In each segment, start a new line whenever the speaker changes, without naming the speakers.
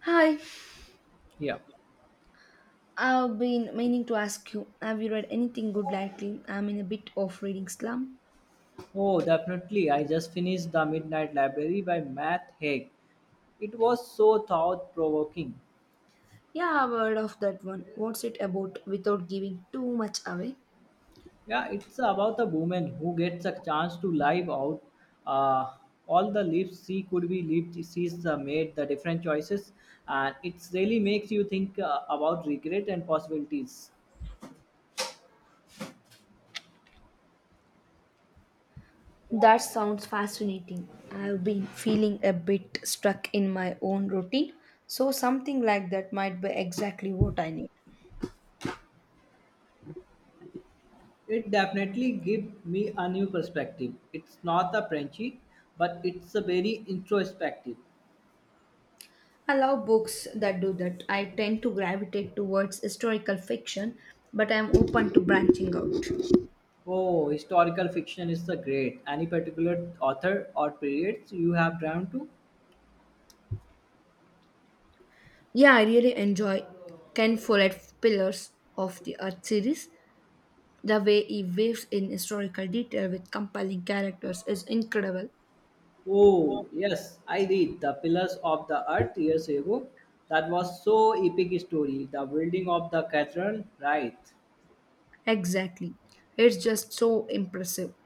Hi,
Yeah.
I've been meaning to ask you, have you read anything good lately? I'm in a bit of reading slump.
Oh, definitely. I just finished The Midnight Library by Matt Haig. It was so thought provoking.
Yeah, I've heard of that one. What's it about without giving too much away?
Yeah, it's about a woman who gets a chance to live out uh, all the lives she could be lived. She's made the different choices, and it really makes you think about regret and possibilities.
That sounds fascinating. I've been feeling a bit stuck in my own routine, so something like that might be exactly what I need.
It definitely gives me a new perspective. It's not a Frenchy, but it's a very introspective.
I love books that do that. I tend to gravitate towards historical fiction, but I'm open to branching out.
Oh, historical fiction is the great. Any particular author or periods you have drawn to?
Yeah, I really enjoy Ken Follett's Pillars of the Earth series. The way he weaves in historical detail with compelling characters is incredible.
Oh, yes, I read The Pillars of the Earth years ago. That was so epic story. The building of the cathedral, right?
Exactly. It's just so impressive.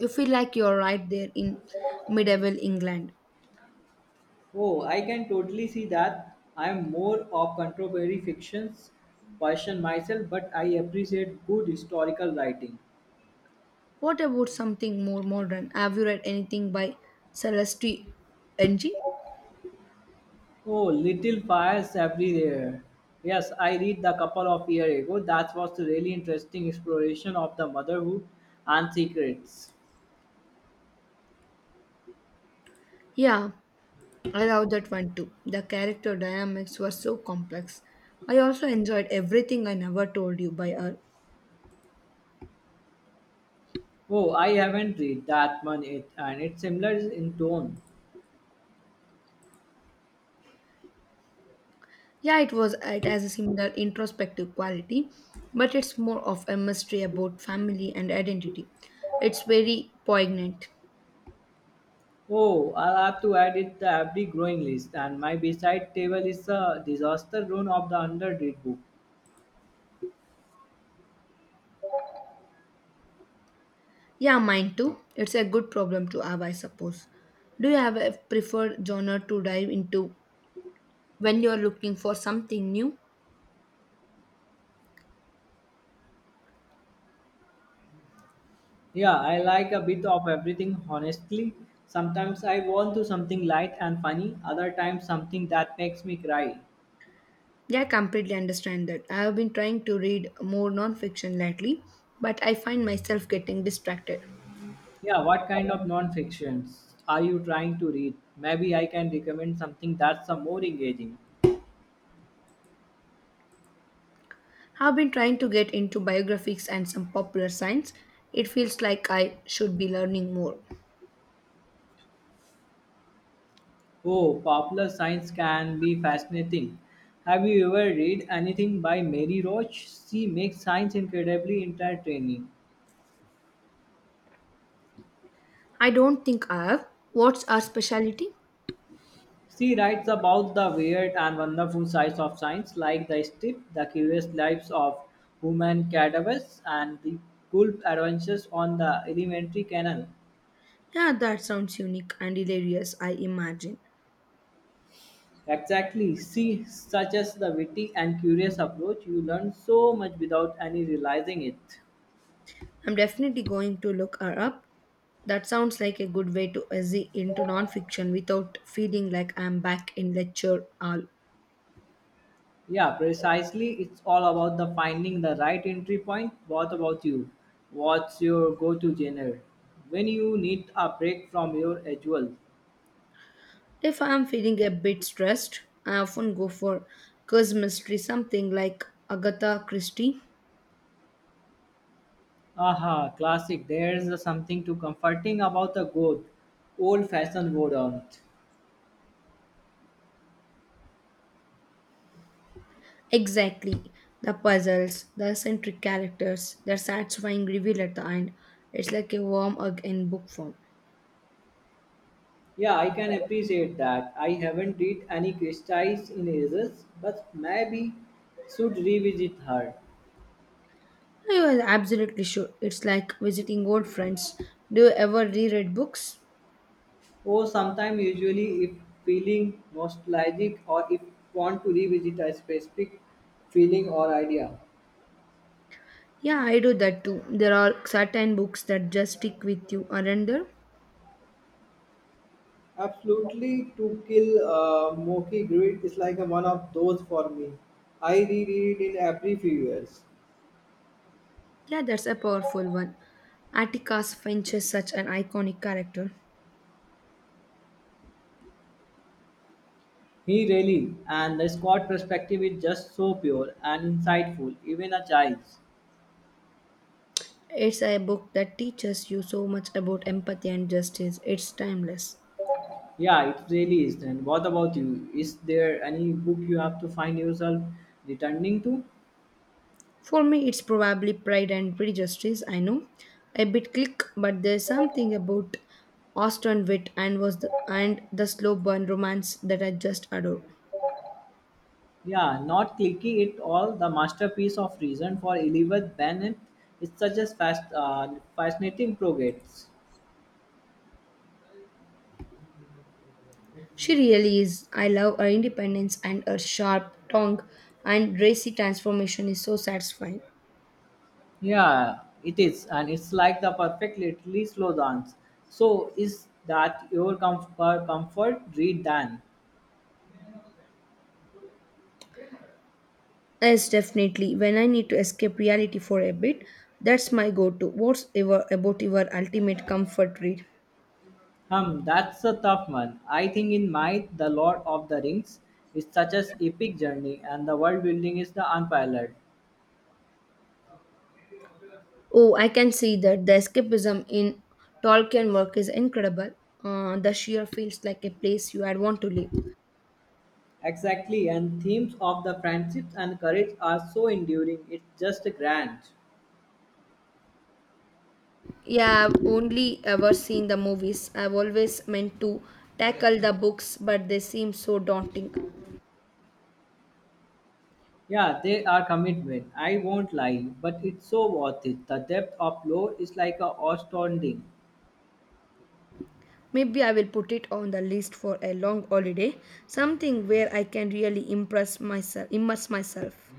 You feel like you're right there in medieval England.
Oh, I can totally see that. I am more of contemporary fictions person myself, but I appreciate good historical writing.
What about something more modern? Have you read anything by Celeste Ng?
Oh, little fires everywhere. Yes, I read a couple of years ago. That was a really interesting exploration of the motherhood and secrets.
Yeah, I love that one too. The character dynamics were so complex. I also enjoyed everything I never told you by her.
Oh, I haven't read that one yet, and it's similar in tone.
Yeah, it was. It has a similar introspective quality, but it's more of a mystery about family and identity. It's very poignant.
Oh, I'll have to add it to every growing list, and my beside table is a disaster run of the underread book.
Yeah, mine too. It's a good problem to have, I suppose. Do you have a preferred genre to dive into when you're looking for something new?
Yeah, I like a bit of everything, honestly. Sometimes I want to something light and funny, other times something that makes me cry.
Yeah, I completely understand that. I have been trying to read more nonfiction lately, but I find myself getting distracted.
Yeah, what kind of non-fictions are you trying to read? Maybe I can recommend something that's more engaging.
I've been trying to get into biographies and some popular science. It feels like I should be learning more.
Oh, popular science can be fascinating. Have you ever read anything by Mary Roach? She makes science incredibly entertaining.
I don't think I have. What's our specialty?
She writes about the weird and wonderful sides of science, like the strip, the curious lives of human cadavers, and the cool adventures on the elementary canal.
Yeah, that sounds unique and hilarious, I imagine.
Exactly. See, such as the witty and curious approach, you learn so much without any realizing it.
I'm definitely going to look her up. That sounds like a good way to ease into nonfiction without feeling like I'm back in lecture hall.
Yeah, precisely. It's all about the finding the right entry point. What about you? What's your go-to genre when you need a break from your usual?
If I'm feeling a bit stressed, I often go for cause mystery, something like Agatha Christie.
Aha, classic. There's something too comforting about a good old-fashioned boredom.
Exactly. The puzzles, the eccentric characters, the satisfying reveal at the end. It's like a warm hug in book form.
Yeah, I can appreciate that. I haven't read any Christie's in ages, but maybe should revisit her.
I was absolutely sure. It's like visiting old friends. Do you ever reread books?
Or sometime usually if feeling nostalgic or if want to revisit a specific feeling or idea.
Yeah, I do that too. There are certain books that just stick with you, aren't there?
Absolutely, to kill a Moki Grid is like a one of those for me. I reread it in every few years.
Yeah, that's a powerful one. Atticus Finch is such an iconic character.
He really, and the Scott perspective is just so pure and insightful, even a child.
It's a book that teaches you so much about empathy and justice. It's timeless.
Yeah, it really is. Then what about you? Is there any book you have to find yourself returning to?
For me, it's probably Pride and Prejudice. I know, a bit click, but there's something about Austen wit and the slow burn romance that I just adore.
Yeah, not clicking it all. The masterpiece of reason for Elizabeth Bennet is such a fast, fascinating progress.
She really is. I love her independence and her sharp tongue, and racy transformation is so satisfying.
Yeah, it is, and it's like the perfect literally slow dance. So, is that your comfort read then?
Yes, definitely. When I need to escape reality for a bit, that's my go-to. What's ever about your ultimate comfort read?
Hmm, that's a tough one. I think in my The Lord of the Rings is such an epic journey and the world building is the unparalleled.
Oh, I can see that the escapism in Tolkien work is incredible. The sheer feels like a place you would want to live.
Exactly, and themes of the friendships and courage are so enduring, it's just grand.
Yeah, I've only ever seen the movies. I've always meant to tackle the books, but they seem so daunting.
Yeah, they are commitment, I won't lie, but it's so worth it. The depth of lore is like a astounding.
Maybe I will put it on the list for a long holiday, something where I can really immerse myself.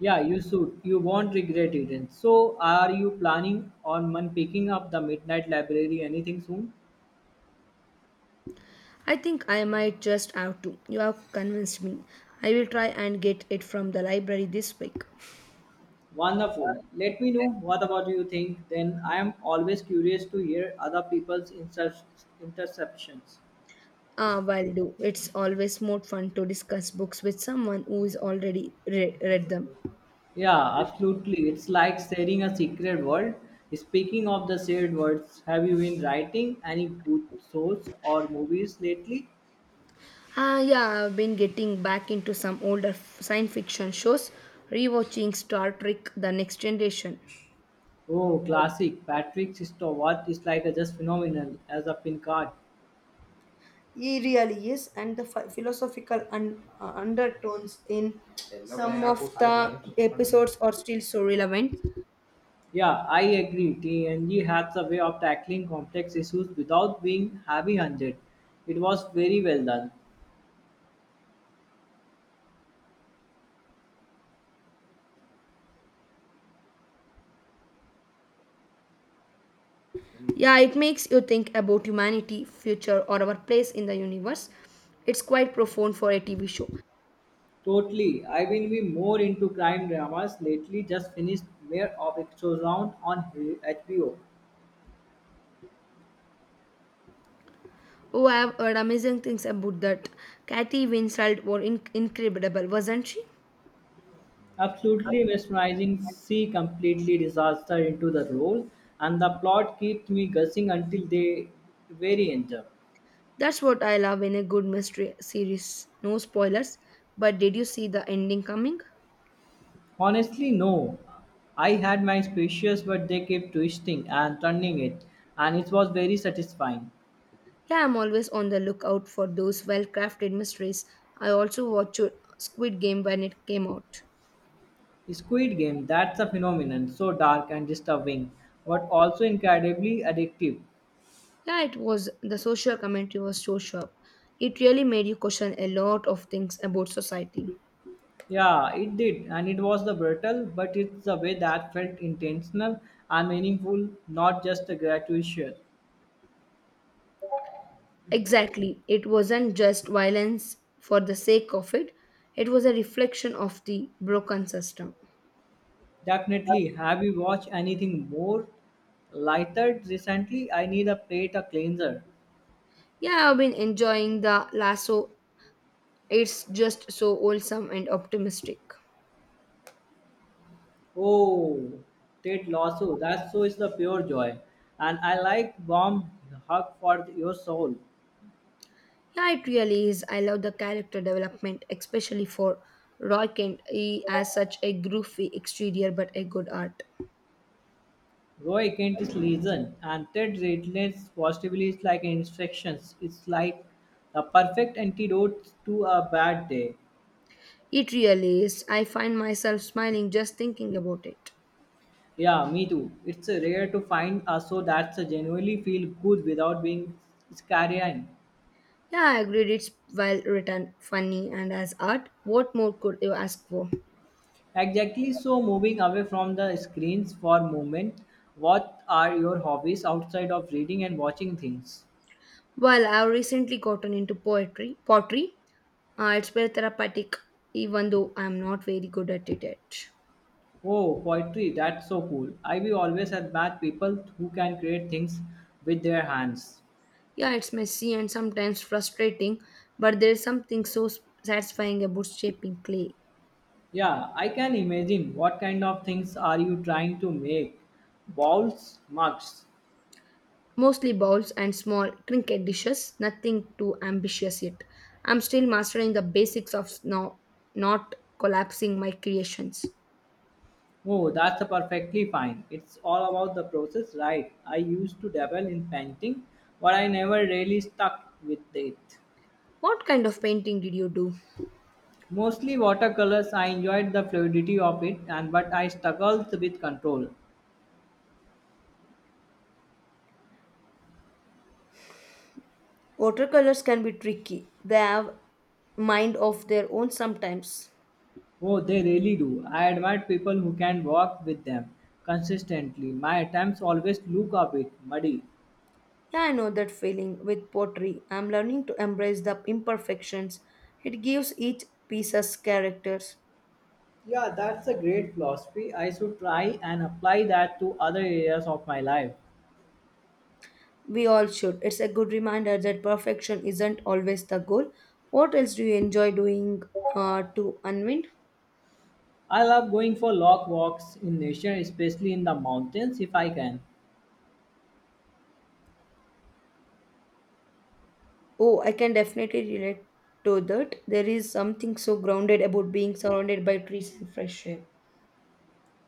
Yeah, you should. You won't regret it. And so, are you planning on man picking up the Midnight Library anything soon?
I think I might just have to. You have convinced me. I will try and get it from the library this week.
Wonderful. Let me know what about you think. Then I am always curious to hear other people's interceptions.
Ah, will do. It's always more fun to discuss books with someone who's already read them.
Yeah, absolutely. It's like sharing a secret world. Speaking of the shared words, have you been writing any good shows or movies lately?
Ah, yeah, I've been getting back into some older science fiction shows, rewatching Star Trek: The Next Generation.
Oh, classic. Patrick Stewart is like a just phenomenal as a pin card.
He really is, and the philosophical undertones in some of the episodes are still so relevant.
Yeah, I agree. TNG has a way of tackling complex issues without being heavy-handed. It was very well done.
Yeah, it makes you think about humanity, future, or our place in the universe. It's quite profound for a TV show.
Totally. I've been way more into crime dramas lately. Just finished Mayor of Exorcist on HBO.
Oh, I've heard amazing things about that. Kathy Winslet was incredible, wasn't she?
Absolutely mesmerizing. She completely disaster into the role, and the plot kept me guessing until the very end.
That's what I love in a good mystery series. No spoilers, but did you see the ending coming?
Honestly, no. I had my suspicions, but they kept twisting and turning it, and it was very satisfying.
Yeah, I'm always on the lookout for those well crafted mysteries. I also watched Squid Game when it came out.
Squid Game, that's a phenomenon, so dark and disturbing, but also incredibly addictive.
Yeah, it was the social commentary was so sharp. It really made you question a lot of things about society.
Yeah, it did, and it was the brutal, but it's the way that felt intentional and meaningful, not just a gratuitous.
Exactly. It wasn't just violence for the sake of it, it was a reflection of the broken system.
Definitely, have you watched anything more lighter recently? I need a plate, a cleanser.
Yeah, I've been enjoying the lasso. It's just so wholesome and optimistic.
Oh, Ted Lasso, that show is the pure joy, and I like warm hug for your soul.
Yeah, it really is. I love the character development, especially for Roy Kent. He has such a groovy exterior but a good art.
Roy Kent is legend, and Ted Redlands positively is like instructions. It's like the perfect antidote to a bad day.
It really is. I find myself smiling just thinking about it.
Yeah, me too. It's rare to find a show that's genuinely feel good without being scaring.
Yeah, I agreed. It's well written, funny, and as art, what more could you ask for?
Exactly. So moving away from the screens for a moment, what are your hobbies outside of reading and watching things?
Well, I've recently gotten into poetry. Pottery, it's very therapeutic, even though I'm not very good at it yet.
Oh, poetry. That's so cool. I will always admire people who can create things with their hands.
Yeah, it's messy and sometimes frustrating, but there is something so satisfying about shaping clay.
Yeah, I can imagine. What kind of things are you trying to make? Bowls, mugs.
Mostly bowls and small trinket dishes, nothing too ambitious yet. I'm still mastering the basics of not collapsing my creations.
Oh, that's perfectly fine. It's all about the process, right? I used to dabble in painting, but I never really stuck with it.
What kind of painting did you do?
Mostly watercolors, I enjoyed the fluidity of it, and but I struggled with control.
Watercolors can be tricky. They have mind of their own sometimes.
Oh, they really do. I admire people who can work with them consistently. My attempts always look a bit muddy.
Yeah, I know that feeling with pottery. I'm learning to embrace the imperfections. It gives each piece us characters.
Yeah, that's a great philosophy. I should try and apply that to other areas of my life.
We all should. It's a good reminder that perfection isn't always the goal. What else do you enjoy doing to unwind?
I love going for long walks in nature, especially in the mountains if I can.
Oh, I can definitely relate to that. There is something so grounded about being surrounded by trees and fresh air.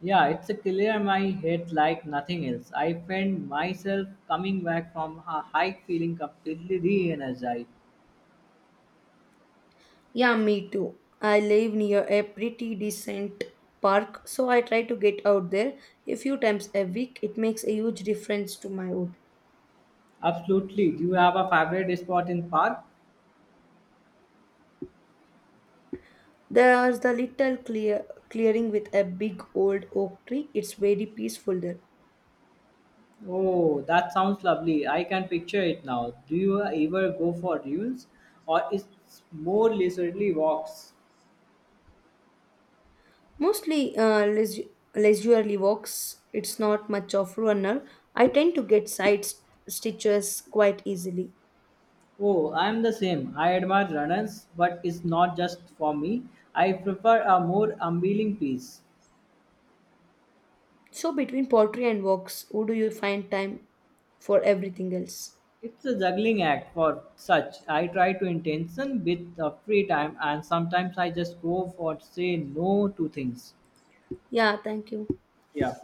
Yeah, it's a clear my head like nothing else. I find myself coming back from a hike feeling completely re-energized.
Yeah, me too. I live near a pretty decent park, so I try to get out there a few times a week. It makes a huge difference to my wood.
Absolutely. Do you have a favorite spot in park?
There's the little clearing with a big old oak tree. It's very peaceful there.
Oh, that sounds lovely. I can picture it now. Do you ever go for dunes or it's more leisurely walks?
Mostly leisurely walks. It's not much of runner. I tend to get side stitches quite easily.
Oh, I'm the same. I admire runners, but it's not just for me. I prefer a more unveiling piece.
So between pottery and walks, who do you find time for everything else?
It's a juggling act for such. I try to intention with the free time, and sometimes I just go for say no to things.
Yeah, thank you.
Yeah.